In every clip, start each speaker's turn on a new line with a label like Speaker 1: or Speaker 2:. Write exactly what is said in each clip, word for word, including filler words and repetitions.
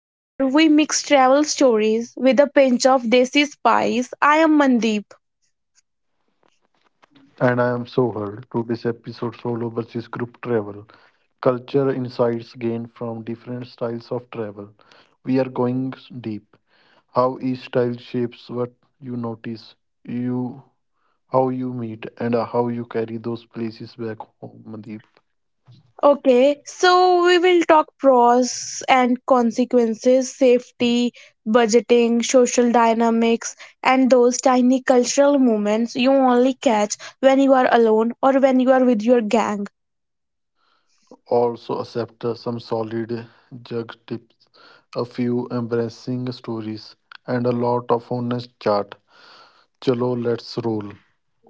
Speaker 1: where we mix travel stories with a pinch of desi spice. I am Mandeep.
Speaker 2: And I am Sohar. Today's episode solo versus group travel. Culture insights gained from different styles of travel. We are going deep. How each style shapes what you notice, you how you meet, and how you carry those places back home, Mandeep.
Speaker 1: Okay, so we will talk pros and consequences, safety, budgeting, social dynamics, and those tiny cultural moments you only catch when you are alone or when you are with your gang.
Speaker 2: Also accept uh, some solid jug tips, a few embarrassing stories, and a lot of honest chat. Chalo, let's roll.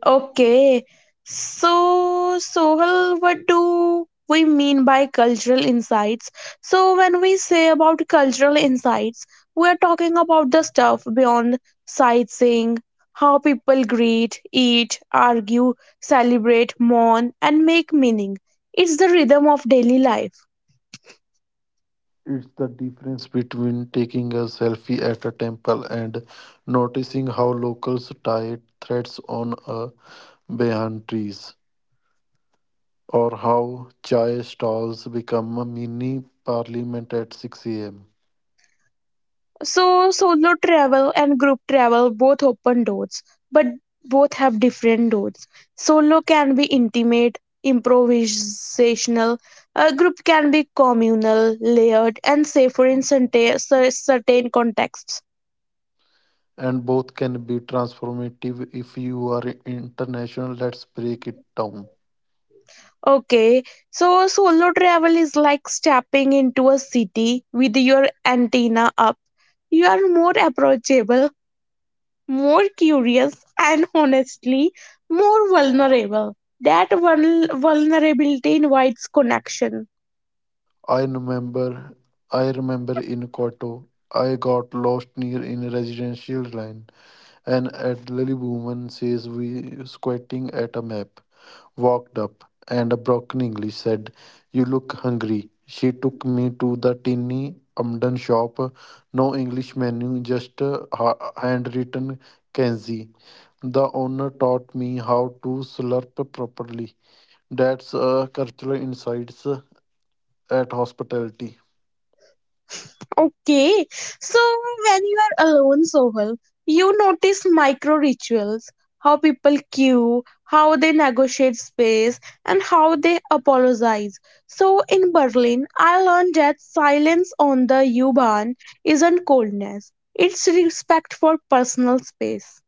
Speaker 1: Okay. So, Sohal, what do we mean by cultural insights? So, when we say about cultural insights, we are talking about the stuff beyond sightseeing, how people greet, eat, argue, celebrate, mourn, and make meaning. It's the rhythm of daily life.
Speaker 2: It's the difference between taking a selfie at a temple and noticing how locals tie threads on a behind trees, or how chai stalls become a mini parliament at six a m.
Speaker 1: So solo travel and group travel both open doors, but both have different doors. Solo can be intimate, improvisational. A group can be communal, layered, and safer in certain certain contexts.
Speaker 2: And both can be transformative if you are international. Let's break it down.
Speaker 1: Okay, so solo travel is like stepping into a city with your antenna up. You are more approachable, more curious, and honestly, more vulnerable. That vul- vulnerability invites connection.
Speaker 2: I remember, I remember in Kyoto, I got lost near in residential line. An elderly woman says we squinting at a map, walked up, and broken English said, you look hungry. She took me to the tiny Amden shop. No English menu, just a ha- handwritten kanji. The owner taught me how to slurp properly. That's a cultural insights at hospitality.
Speaker 1: Okay, so when you are alone, Sohal, you notice micro rituals, how people queue, how they negotiate space, and how they apologize. So in Berlin, I learned that silence on the U-Bahn isn't coldness, it's respect for personal space.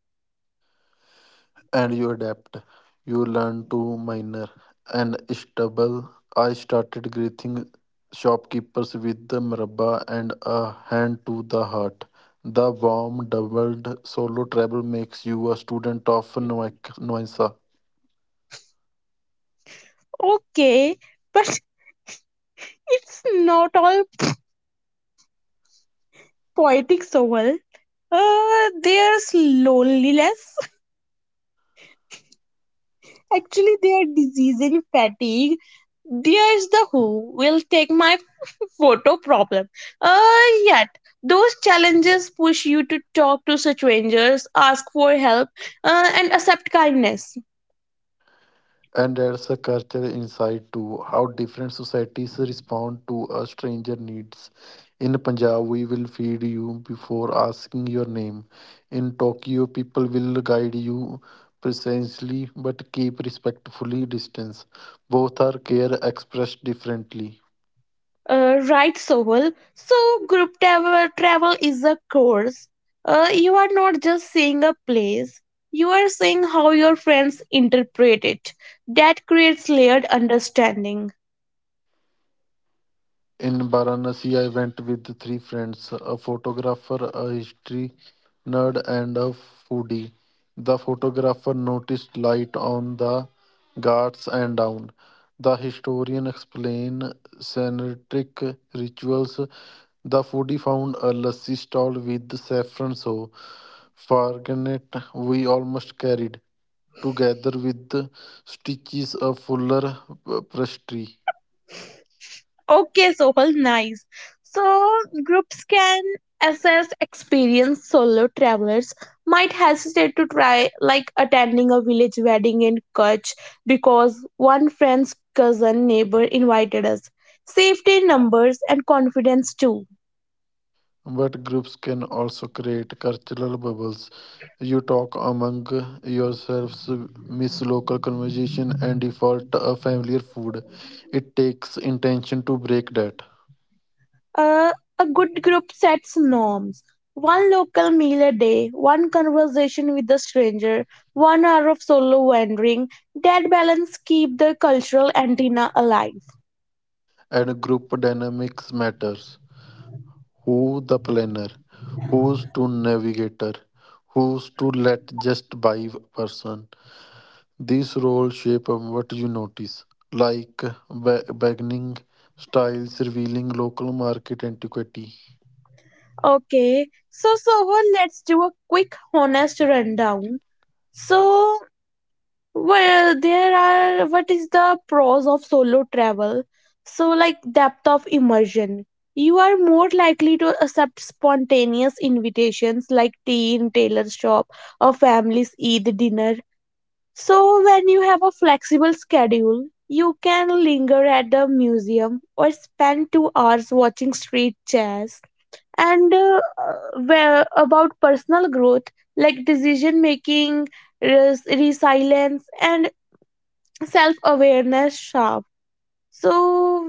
Speaker 2: And you adapt. You learn to minor and stubble. I started greeting shopkeepers with the mrabba and a hand to the heart. The warm, doubled solo travel makes you a student of Noak- Noisa.
Speaker 1: Okay, but it's not all poetic soul. Uh, there's loneliness. Actually, their disease and fatigue. There's the who will take my photo problem. Uh, yet those challenges push you to talk to strangers, ask for help, uh, and accept kindness.
Speaker 2: And there's a cultural insight too, how different societies respond to a stranger needs. In Punjab, we will feed you before asking your name. In Tokyo, people will guide you precisely but keep respectfully distance. Both are care expressed differently.
Speaker 1: Uh, right, Sohal. So, group travel, travel is a course. Uh, you are not just seeing a place, you are seeing how your friends interpret it. That creates layered understanding.
Speaker 2: In Varanasi, I went with three friends, a photographer, a history nerd, and a foodie. The photographer noticed light on the Ghats and down. The historian explained Sanitaric rituals. The foodie found a lassi stall with saffron so Farganet we almost carried, together with stitches of fuller uh, pastry.
Speaker 1: Okay, Sohal, nice. So, groups can assess experienced solo travelers might hesitate to try like attending a village wedding in Kutch because one friend's cousin neighbor invited us. Safety in numbers and confidence too.
Speaker 2: But groups can also create cultural bubbles. You talk among yourselves, miss local conversation, and default a familiar food. It takes intention to break that.
Speaker 1: Uh, a good group sets norms. One local meal a day, one conversation with a stranger, one hour of solo wandering. That balance keep the cultural antenna alive.
Speaker 2: And group dynamics matters. Who the planner? Who's to navigator? Who's to let just by person? These roles shape what you notice, like ba- bargaining styles, revealing local market antiquity.
Speaker 1: Okay, so Sohan, let's do a quick, honest rundown. So, well, there are what is the pros of solo travel? So, like depth of immersion. You are more likely to accept spontaneous invitations like tea in tailor's shop or family's Eid dinner. So, when you have a flexible schedule, you can linger at the museum or spend two hours watching street jazz, and uh, where about personal growth, like decision making, res- resilience, and self awareness sharp. So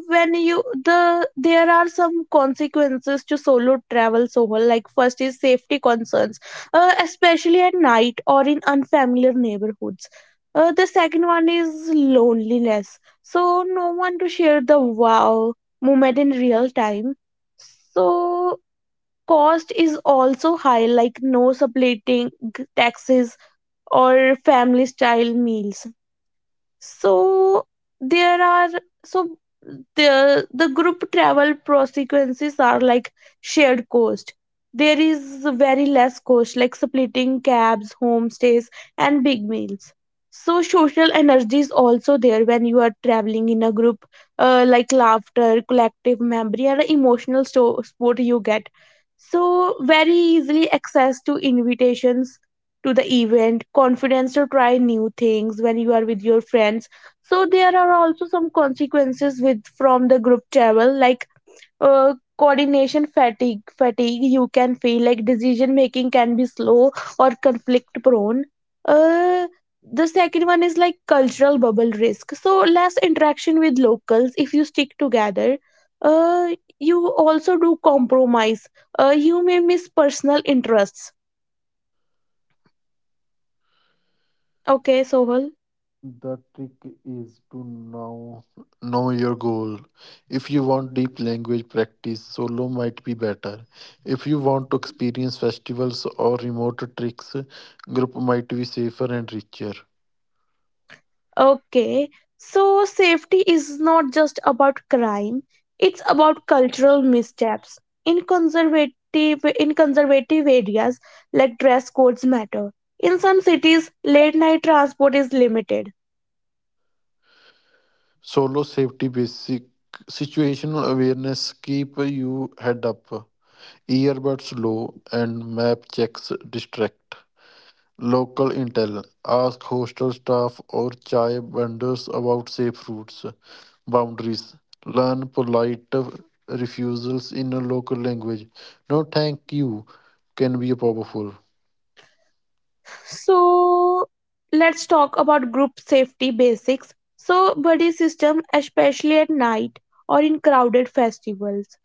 Speaker 1: when you the there are some consequences to solo travel. So, like, first is safety concerns, uh, especially at night or in unfamiliar neighborhoods. Uh, the second one is loneliness, so no one to share the wow moment in real time. So cost is also high, like no subletting, taxes, or family style meals. So there are, so the the group travel consequences are like shared cost. There is very less cost like splitting cabs, homestays, and big meals. So social energy is also there when you are traveling in a group, uh, like laughter, collective memory, and emotional sto- support you get. So very easily access to invitations to the event, confidence to try new things when you are with your friends. So there are also some consequences with from the group travel, like uh, coordination fatigue fatigue you can feel, like decision making can be slow or conflict prone. Uh, the second one is like cultural bubble risk, so less interaction with locals if you stick together. uh, you also do compromise. Uh, you may miss personal interests. Okay, Sohal.
Speaker 2: The trick is to know know your goal. If you want deep language practice, solo might be better. If you want to experience festivals or remote tricks, group might be safer and richer.
Speaker 1: Okay, so safety is not just about crime, it's about cultural missteps. In conservative in conservative areas, like dress codes matter. In some cities, late night transport is limited.
Speaker 2: Solo safety basic situational awareness keep you head up. Earbuds low and map checks distract. Local intel. Ask hostel staff or chai vendors about safe routes. Boundaries. Learn polite refusals in a local language. No thank you can be powerful.
Speaker 1: So let's talk about group safety basics. So buddy system, especially at night or in crowded festivals.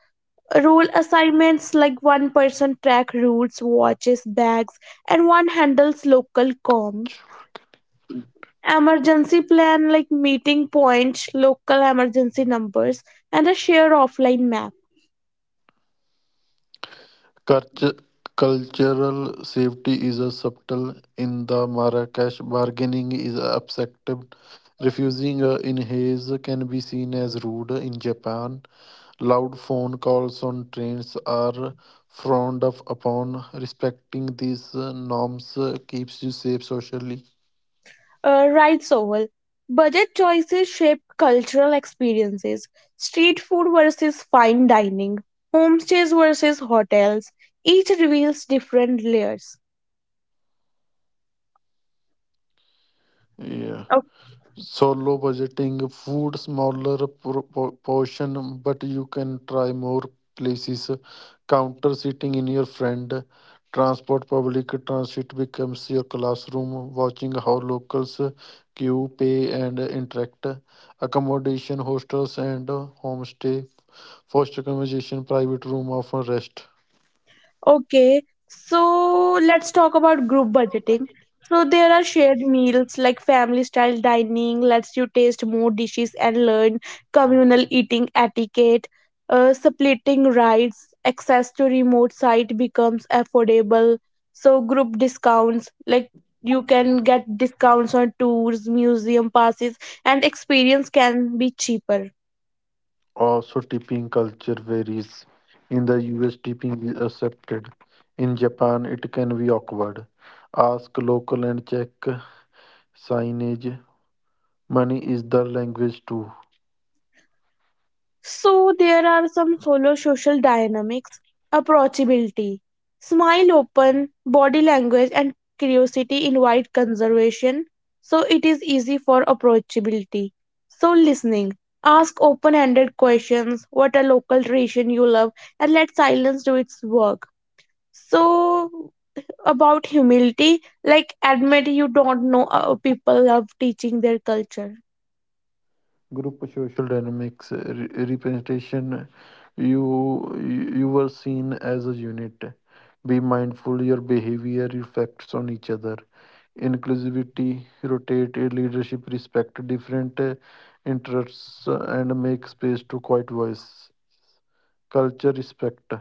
Speaker 1: Rule assignments like one person track routes, watches, bags, and one handles local comms. Emergency plan like meeting points, local emergency numbers, and a shared offline map.
Speaker 2: Cultu- Cultural safety is a subtle in the Marrakesh. Bargaining is accepted. Refusing a inhaze can be seen as rude in Japan. Loud phone calls on trains are frowned of upon. Respecting these uh, norms uh, keeps you safe socially.
Speaker 1: Uh, right, Sohal. Budget choices shape cultural experiences. Street food versus fine dining, homestays versus hotels. Each reveals different layers.
Speaker 2: Yeah. So low budgeting, food, smaller pro- po- portion, but you can try more places. Counter sitting in your friend, transport, public transit becomes your classroom. Watching how locals queue, pay, and interact. Accommodation, hostels, and homestay. Foster conversation, private room, often rest.
Speaker 1: Okay, so let's talk about group budgeting. So there are shared meals like family style dining lets you taste more dishes and learn communal eating etiquette. Uh, splitting rides, access to remote site becomes affordable. So group discounts, like you can get discounts on tours, museum passes, and experience can be cheaper.
Speaker 2: Also, tipping culture varies. In the U S, tipping is accepted. In Japan, it can be awkward. Ask local and check signage. Money is the language too.
Speaker 1: So there are some follow social dynamics, approachability, smile open, body language and curiosity invite conservation. So it is easy for approachability. So listening, ask open-ended questions, what a local tradition you love, and let silence do its work. So about humility, like admit you don't know, uh, people love teaching their culture.
Speaker 2: Group social dynamics uh, re- representation. You you were seen as a unit. Be mindful your behavior reflects on each other. Inclusivity, rotate uh, leadership, respect different uh, interests, uh, and make space to quiet voice. Culture respect.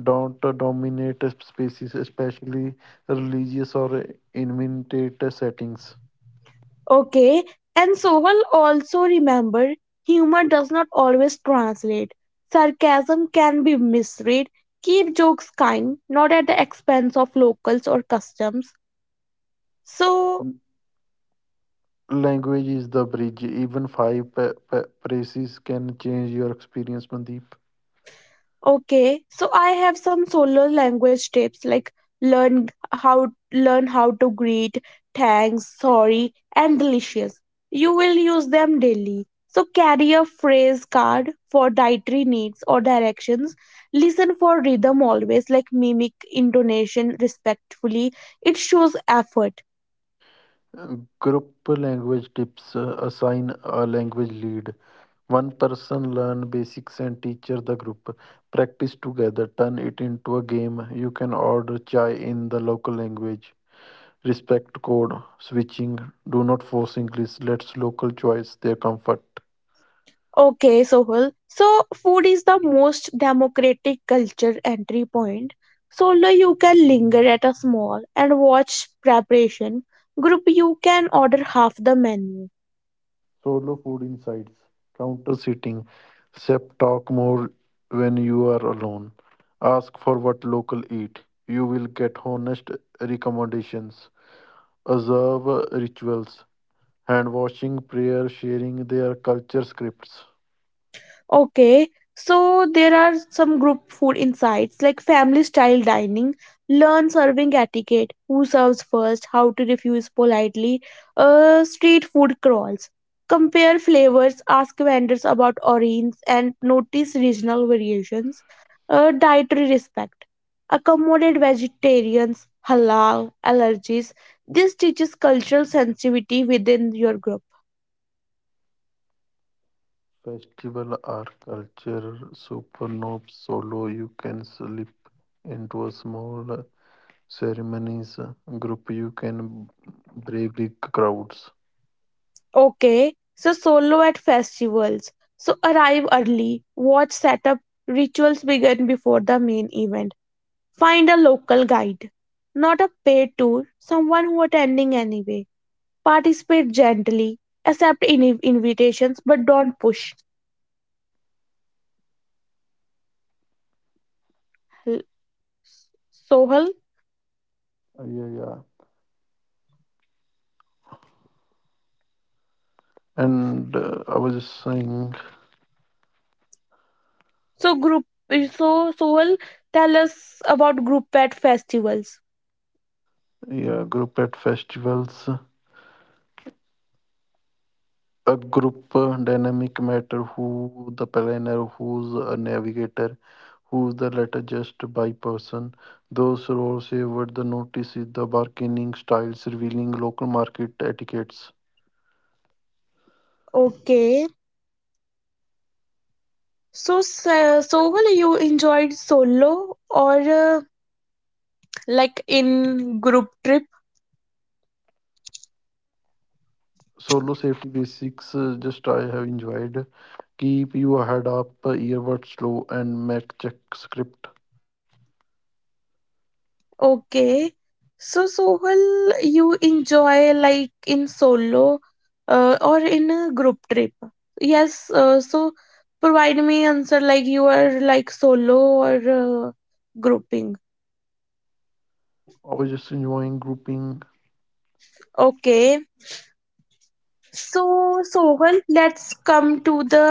Speaker 2: Don't uh, dominate uh, spaces, especially religious or uh, intimate uh, settings.
Speaker 1: Okay, and Sohal also remember humor does not always translate. Sarcasm can be misread. Keep jokes kind, not at the expense of locals or customs. So,
Speaker 2: L- Language is the bridge. Even five pa- pa- phrases can change your experience, Mandeep.
Speaker 1: okay, so I have some solo language tips, like learn how learn how to greet, thanks, sorry, and delicious. You will use them daily. So carry a phrase card for dietary needs or directions. Listen for rhythm always, like mimic intonation respectfully. It shows effort.
Speaker 2: Uh, Group language tips uh, assign a language lead. One person learn basics and teacher the group. Practice together, turn it into a game. You can order chai in the local language. Respect code switching. Do not force English. Let's local choice their comfort.
Speaker 1: Okay, Sohul. So, food is the most democratic culture entry point. Solo, you can linger at a small and watch preparation. Group, you can order half the menu.
Speaker 2: Solo food insights. Counter sitting. Sep talk more when you are alone. Ask for what local eat. You will get honest recommendations. Observe rituals, hand washing, prayer, sharing their culture scripts.
Speaker 1: Okay, so there are some group food insights like family style dining, learn serving etiquette, who serves first, how to refuse politely, uh, street food crawls. Compare flavors, ask vendors about origins, and notice regional variations. Uh, dietary respect. Accommodate vegetarians, halal, allergies. This teaches cultural sensitivity within your group.
Speaker 2: Festival are culture supernova solo. You can slip into a small ceremonies group. You can brave big crowds.
Speaker 1: Okay, so solo at festivals. So arrive early, watch setup, rituals begin before the main event. Find a local guide, not a paid tour, someone who attending anyway. Participate gently, accept in- invitations but don't push. L- Sohal,
Speaker 2: Yeah, yeah. And uh, I was just saying,
Speaker 1: so group so Sohal, tell us about group at festivals.
Speaker 2: yeah, group at festivals. A group uh, dynamic matter who the planner, who's a navigator, who's the latter just by person. Those roles favored the notice is the bargaining styles revealing local market etiquettes.
Speaker 1: Okay. So, Sa- Sohal, you enjoyed solo or uh, like in group trip?
Speaker 2: Solo safety basics uh, just I have enjoyed. Keep your head up, earbuds low, and Mac check script.
Speaker 1: Okay, so Sohal, you enjoy like in solo, uh, or in a group trip? Yes, uh, so provide me answer like you are like solo or uh, grouping.
Speaker 2: I was just enjoying grouping.
Speaker 1: Okay, so Sohal, let's come to the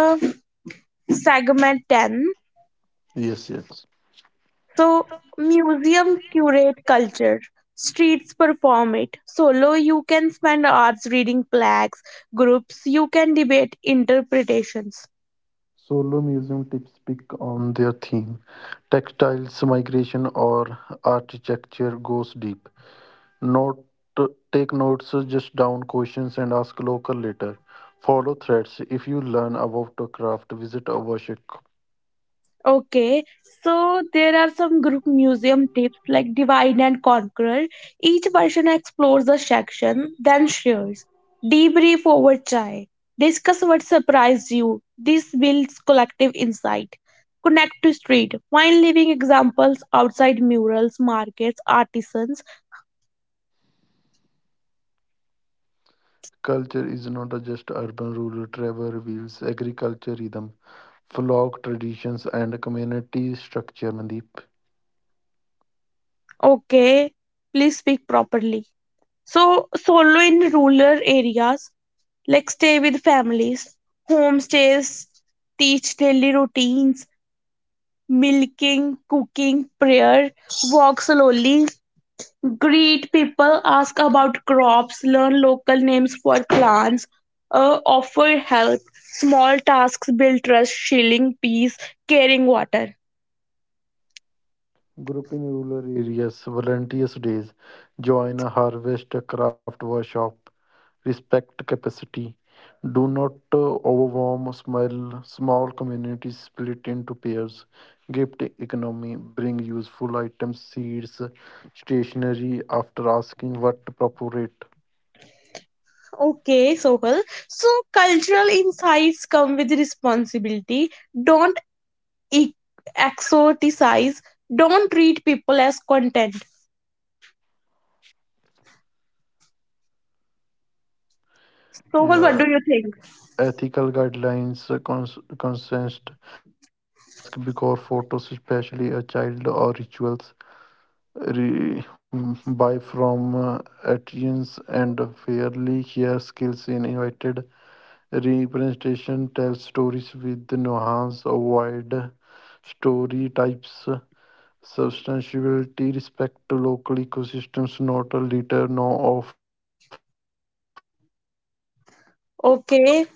Speaker 1: segment ten.
Speaker 2: Yes, yes.
Speaker 1: So museum curate culture, streets perform it. Solo you can spend hours reading plaques, groups you can debate interpretations.
Speaker 2: Solo museum tips pick on their theme. Textiles, migration, or architecture goes deep. Note take notes, just down questions and ask local later. Follow threads. If you learn about the craft, visit a workshop.
Speaker 1: Okay, so there are some group museum tips like divide and conquer. Each person explores a section, then shares. Debrief over chai. Discuss what surprised you. This builds collective insight. Connect to street. Find living examples outside murals, markets, artisans.
Speaker 2: Culture is not just urban rural travel reveals agriculture rhythm, folk traditions and community structure, Mandeep.
Speaker 1: Okay, please speak properly. So, solo in rural areas. Like stay with families. Homestays teach daily routines, milking, cooking, prayer, walk slowly, greet people, ask about crops, learn local names for plants, uh, offer help, small tasks build trust, shilling peace, caring water.
Speaker 2: Group in rural areas, volunteers days, join a harvest a craft workshop, respect capacity, do not uh, overwhelm small, small communities split into pairs, gift economy, bring useful items, seeds, stationery after asking what to appropriate.
Speaker 1: Okay, Sohal. So cultural insights come with responsibility. Don't e- exoticize. Don't treat people as content. Sohal, what
Speaker 2: Yeah,
Speaker 1: do you think?
Speaker 2: ethical guidelines, uh, cons- consent, ask before photos, especially a child or rituals re- buy from uh, Athenians and fairly share skills in invited representation, tell stories with nuance, avoid story types, substantiality, respect to local ecosystems, not a leader, no off trail shortcuts.
Speaker 1: Okay,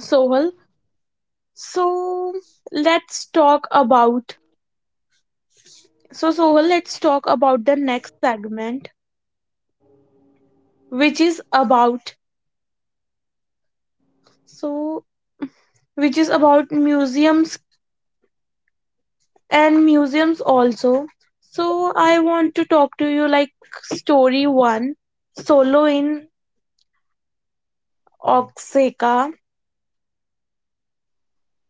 Speaker 1: Sohal. So let's talk about so Sohal, let's talk about the next segment, which is about, so which is about museums and museums also. So I want to talk to you like story one, solo in Oaxaca.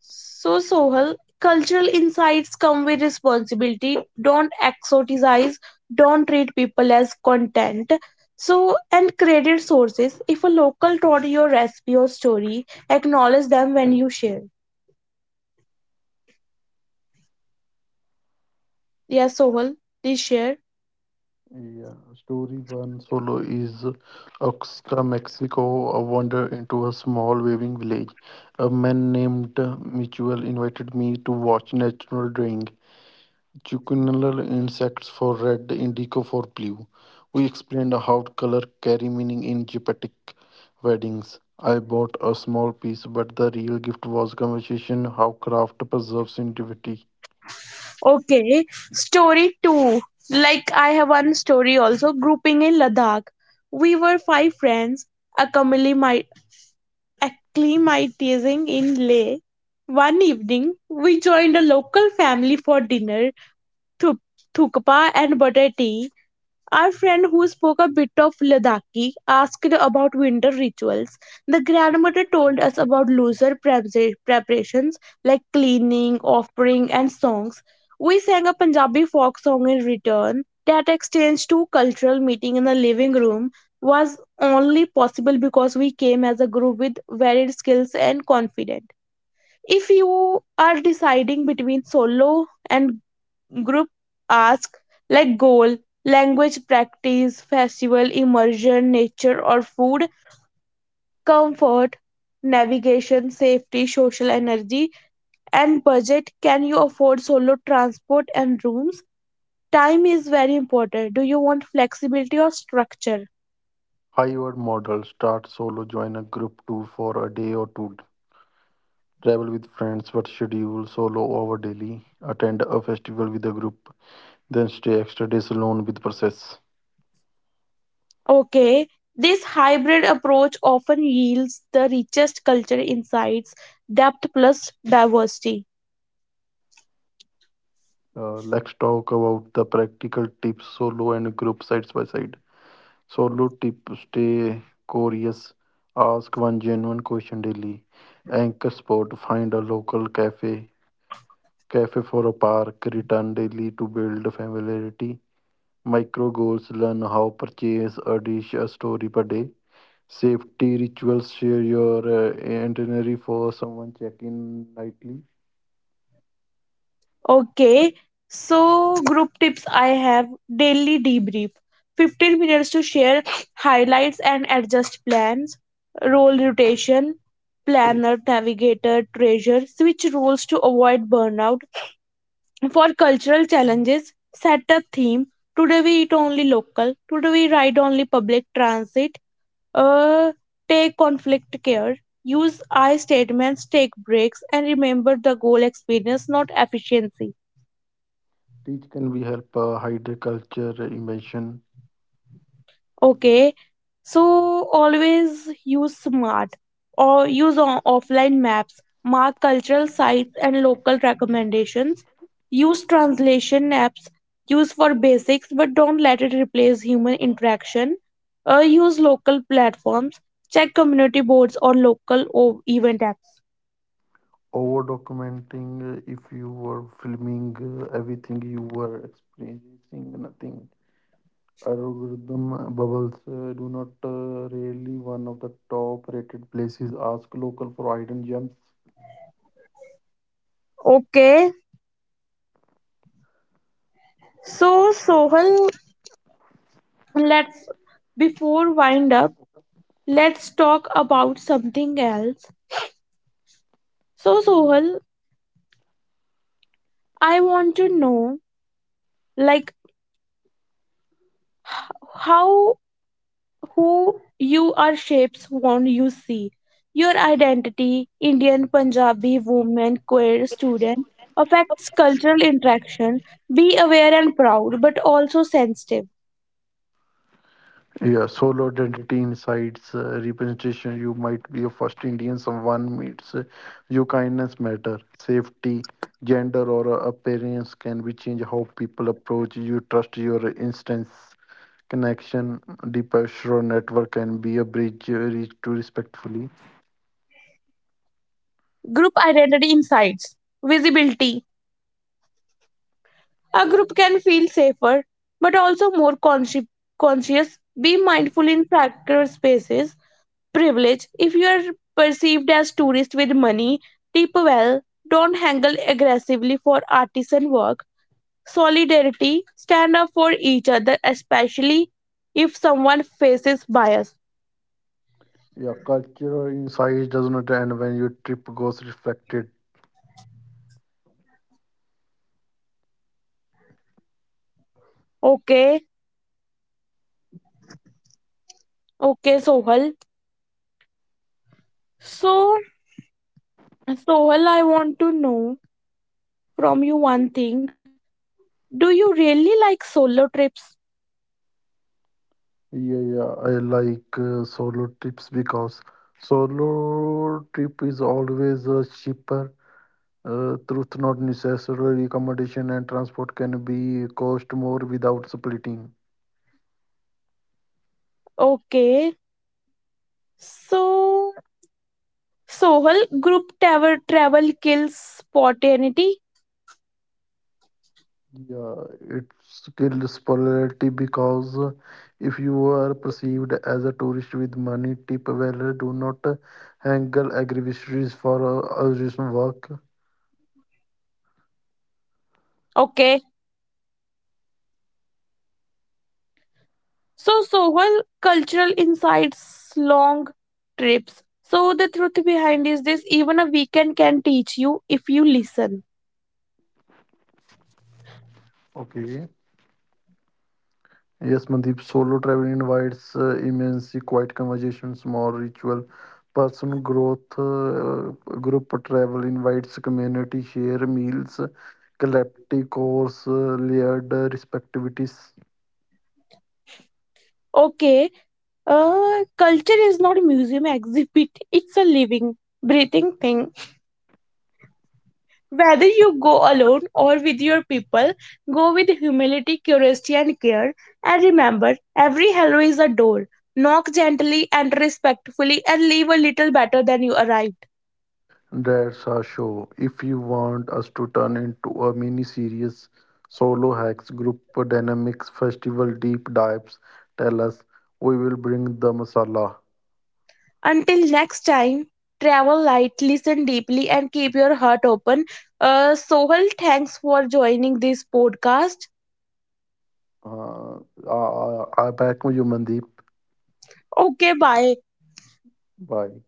Speaker 1: So, Sohal, cultural insights come with responsibility. Don't exoticize, don't treat people as content. So, and credit sources. If a local taught your recipe or story, acknowledge them when you share. Yes, Sohal, please share.
Speaker 2: Yeah, story one solo is Oaxaca, Mexico, a wander into a small waving village. A man named Michuel invited me to watch natural dying. Chucunal insects for red, indigo for blue. We explained how color carry meaning in Japanic weddings. I bought a small piece, but the real gift was conversation how craft preserves identity.
Speaker 1: Okay, story two. Like, I have one story also grouping in Ladakh. We were five friends, a acclimatizing in Leh, one evening we joined a local family for dinner, thu- thukpa and butter tea. Our friend who spoke a bit of Ladakhi asked about winter rituals. The grandmother told us about looser prepsa- preparations like cleaning, offering, and songs. We sang a Punjabi folk song in return. That exchange to cultural meeting in the living room was only possible because we came as a group with varied skills and confident. If you are deciding between solo and group, ask like goal, language practice, festival, immersion, nature or food, comfort, navigation, safety, social energy, and budget. Can you afford solo transport and rooms? Time is very important. Do you want flexibility or structure?
Speaker 2: High word model, start solo, join a group two for a day or two. Travel with friends but schedule solo over daily. Attend a festival with a group, then stay extra days alone with process.
Speaker 1: Okay. This hybrid approach often yields the richest culture insights, depth plus diversity.
Speaker 2: Uh, let's talk about the practical tips solo and group sides by side. Solo tip stay curious, ask one genuine question daily. Anchor spot find a local cafe, cafe for a park, return daily to build familiarity. Micro goals learn how purchase a dish a story per day. Safety rituals, share your uh, itinerary for someone check-in nightly.
Speaker 1: Okay, so group tips I have daily debrief fifteen minutes to share highlights and adjust plans, role rotation, planner, navigator, treasure, switch roles to avoid burnout. For cultural challenges, set a theme. Today we eat only local, today we ride only public transit, uh, take conflict care. Use I statements, take breaks, and remember the goal experience, not efficiency.
Speaker 2: Teach can be help uh, hide culture immersion.
Speaker 1: Okay, so always use smart or use o- offline maps, mark cultural sites and local recommendations, use translation apps, use for basics, but don't let it replace human interaction. Uh, use local platforms, check community boards or local o- event apps.
Speaker 2: Over documenting uh, if you were filming uh, everything you were experiencing nothing. Algorithm uh, bubbles uh, do not uh, really one of the top rated places. Ask local for hidden gems.
Speaker 1: Okay, so Sohal, let's, before wind up, let's talk about something else. So Sohal, I want to know, like, how who you are shapes one you see. Your identity, Indian, Punjabi, woman, queer, student, affects cultural interaction. Be aware and proud, but also sensitive.
Speaker 2: Yeah, solo identity insights uh, representation. You might be a first Indian someone meets. uh, Your kindness matter. Safety, gender, or uh, appearance can be change how people approach you. Trust your instance connection. Deeper network can be a bridge uh, reach to respectfully.
Speaker 1: Group identity insights, visibility. A group can feel safer, but also more consci- conscious. Be mindful in sacred spaces. Privilege. If you are perceived as tourist with money, tip well. Don't haggle aggressively for artisan work. Solidarity. Stand up for each other, especially if someone faces bias.
Speaker 2: Yeah, cultural insights does not end when your trip goes reflected.
Speaker 1: Okay, okay, Sohal. So, Sohal, I want to know from you one thing. Do you really like solo trips?
Speaker 2: Yeah, yeah, I like uh, solo trips because solo trip is always uh, cheaper. Uh, truth not necessary accommodation and transport can be cost more without splitting.
Speaker 1: Okay, so, Sohal, group travel travel kills spontaneity.
Speaker 2: Yeah, it's kills popularity because if you are perceived as a tourist with money, tip well, do not haggle aggravations for a a work.
Speaker 1: Okay. So, Sohal, cultural insights, long trips. So, the truth behind is this even a weekend can teach you if you listen.
Speaker 2: Okay. Yes, Mandeep, solo travel invites uh, immense quiet conversations, more ritual, personal growth. Uh, uh, group travel invites community, share meals, collective course, uh, layered uh, respectivities.
Speaker 1: Okay. Uh, culture is not a museum exhibit, it's a living, breathing thing. Whether you go alone or with your people, go with humility, curiosity, and care. And remember, every hello is a door. Knock gently and respectfully, and leave a little better than you arrived.
Speaker 2: That's our show. If you want us to turn into a mini series, solo hacks, group dynamics, festival deep dives, tell us. We will bring the masala.
Speaker 1: Until next time, travel light, listen deeply, and keep your heart open. Uh, Sohal, thanks for joining this podcast.
Speaker 2: Uh, I, I, I back with you, Mandeep.
Speaker 1: Okay, bye.
Speaker 2: Bye.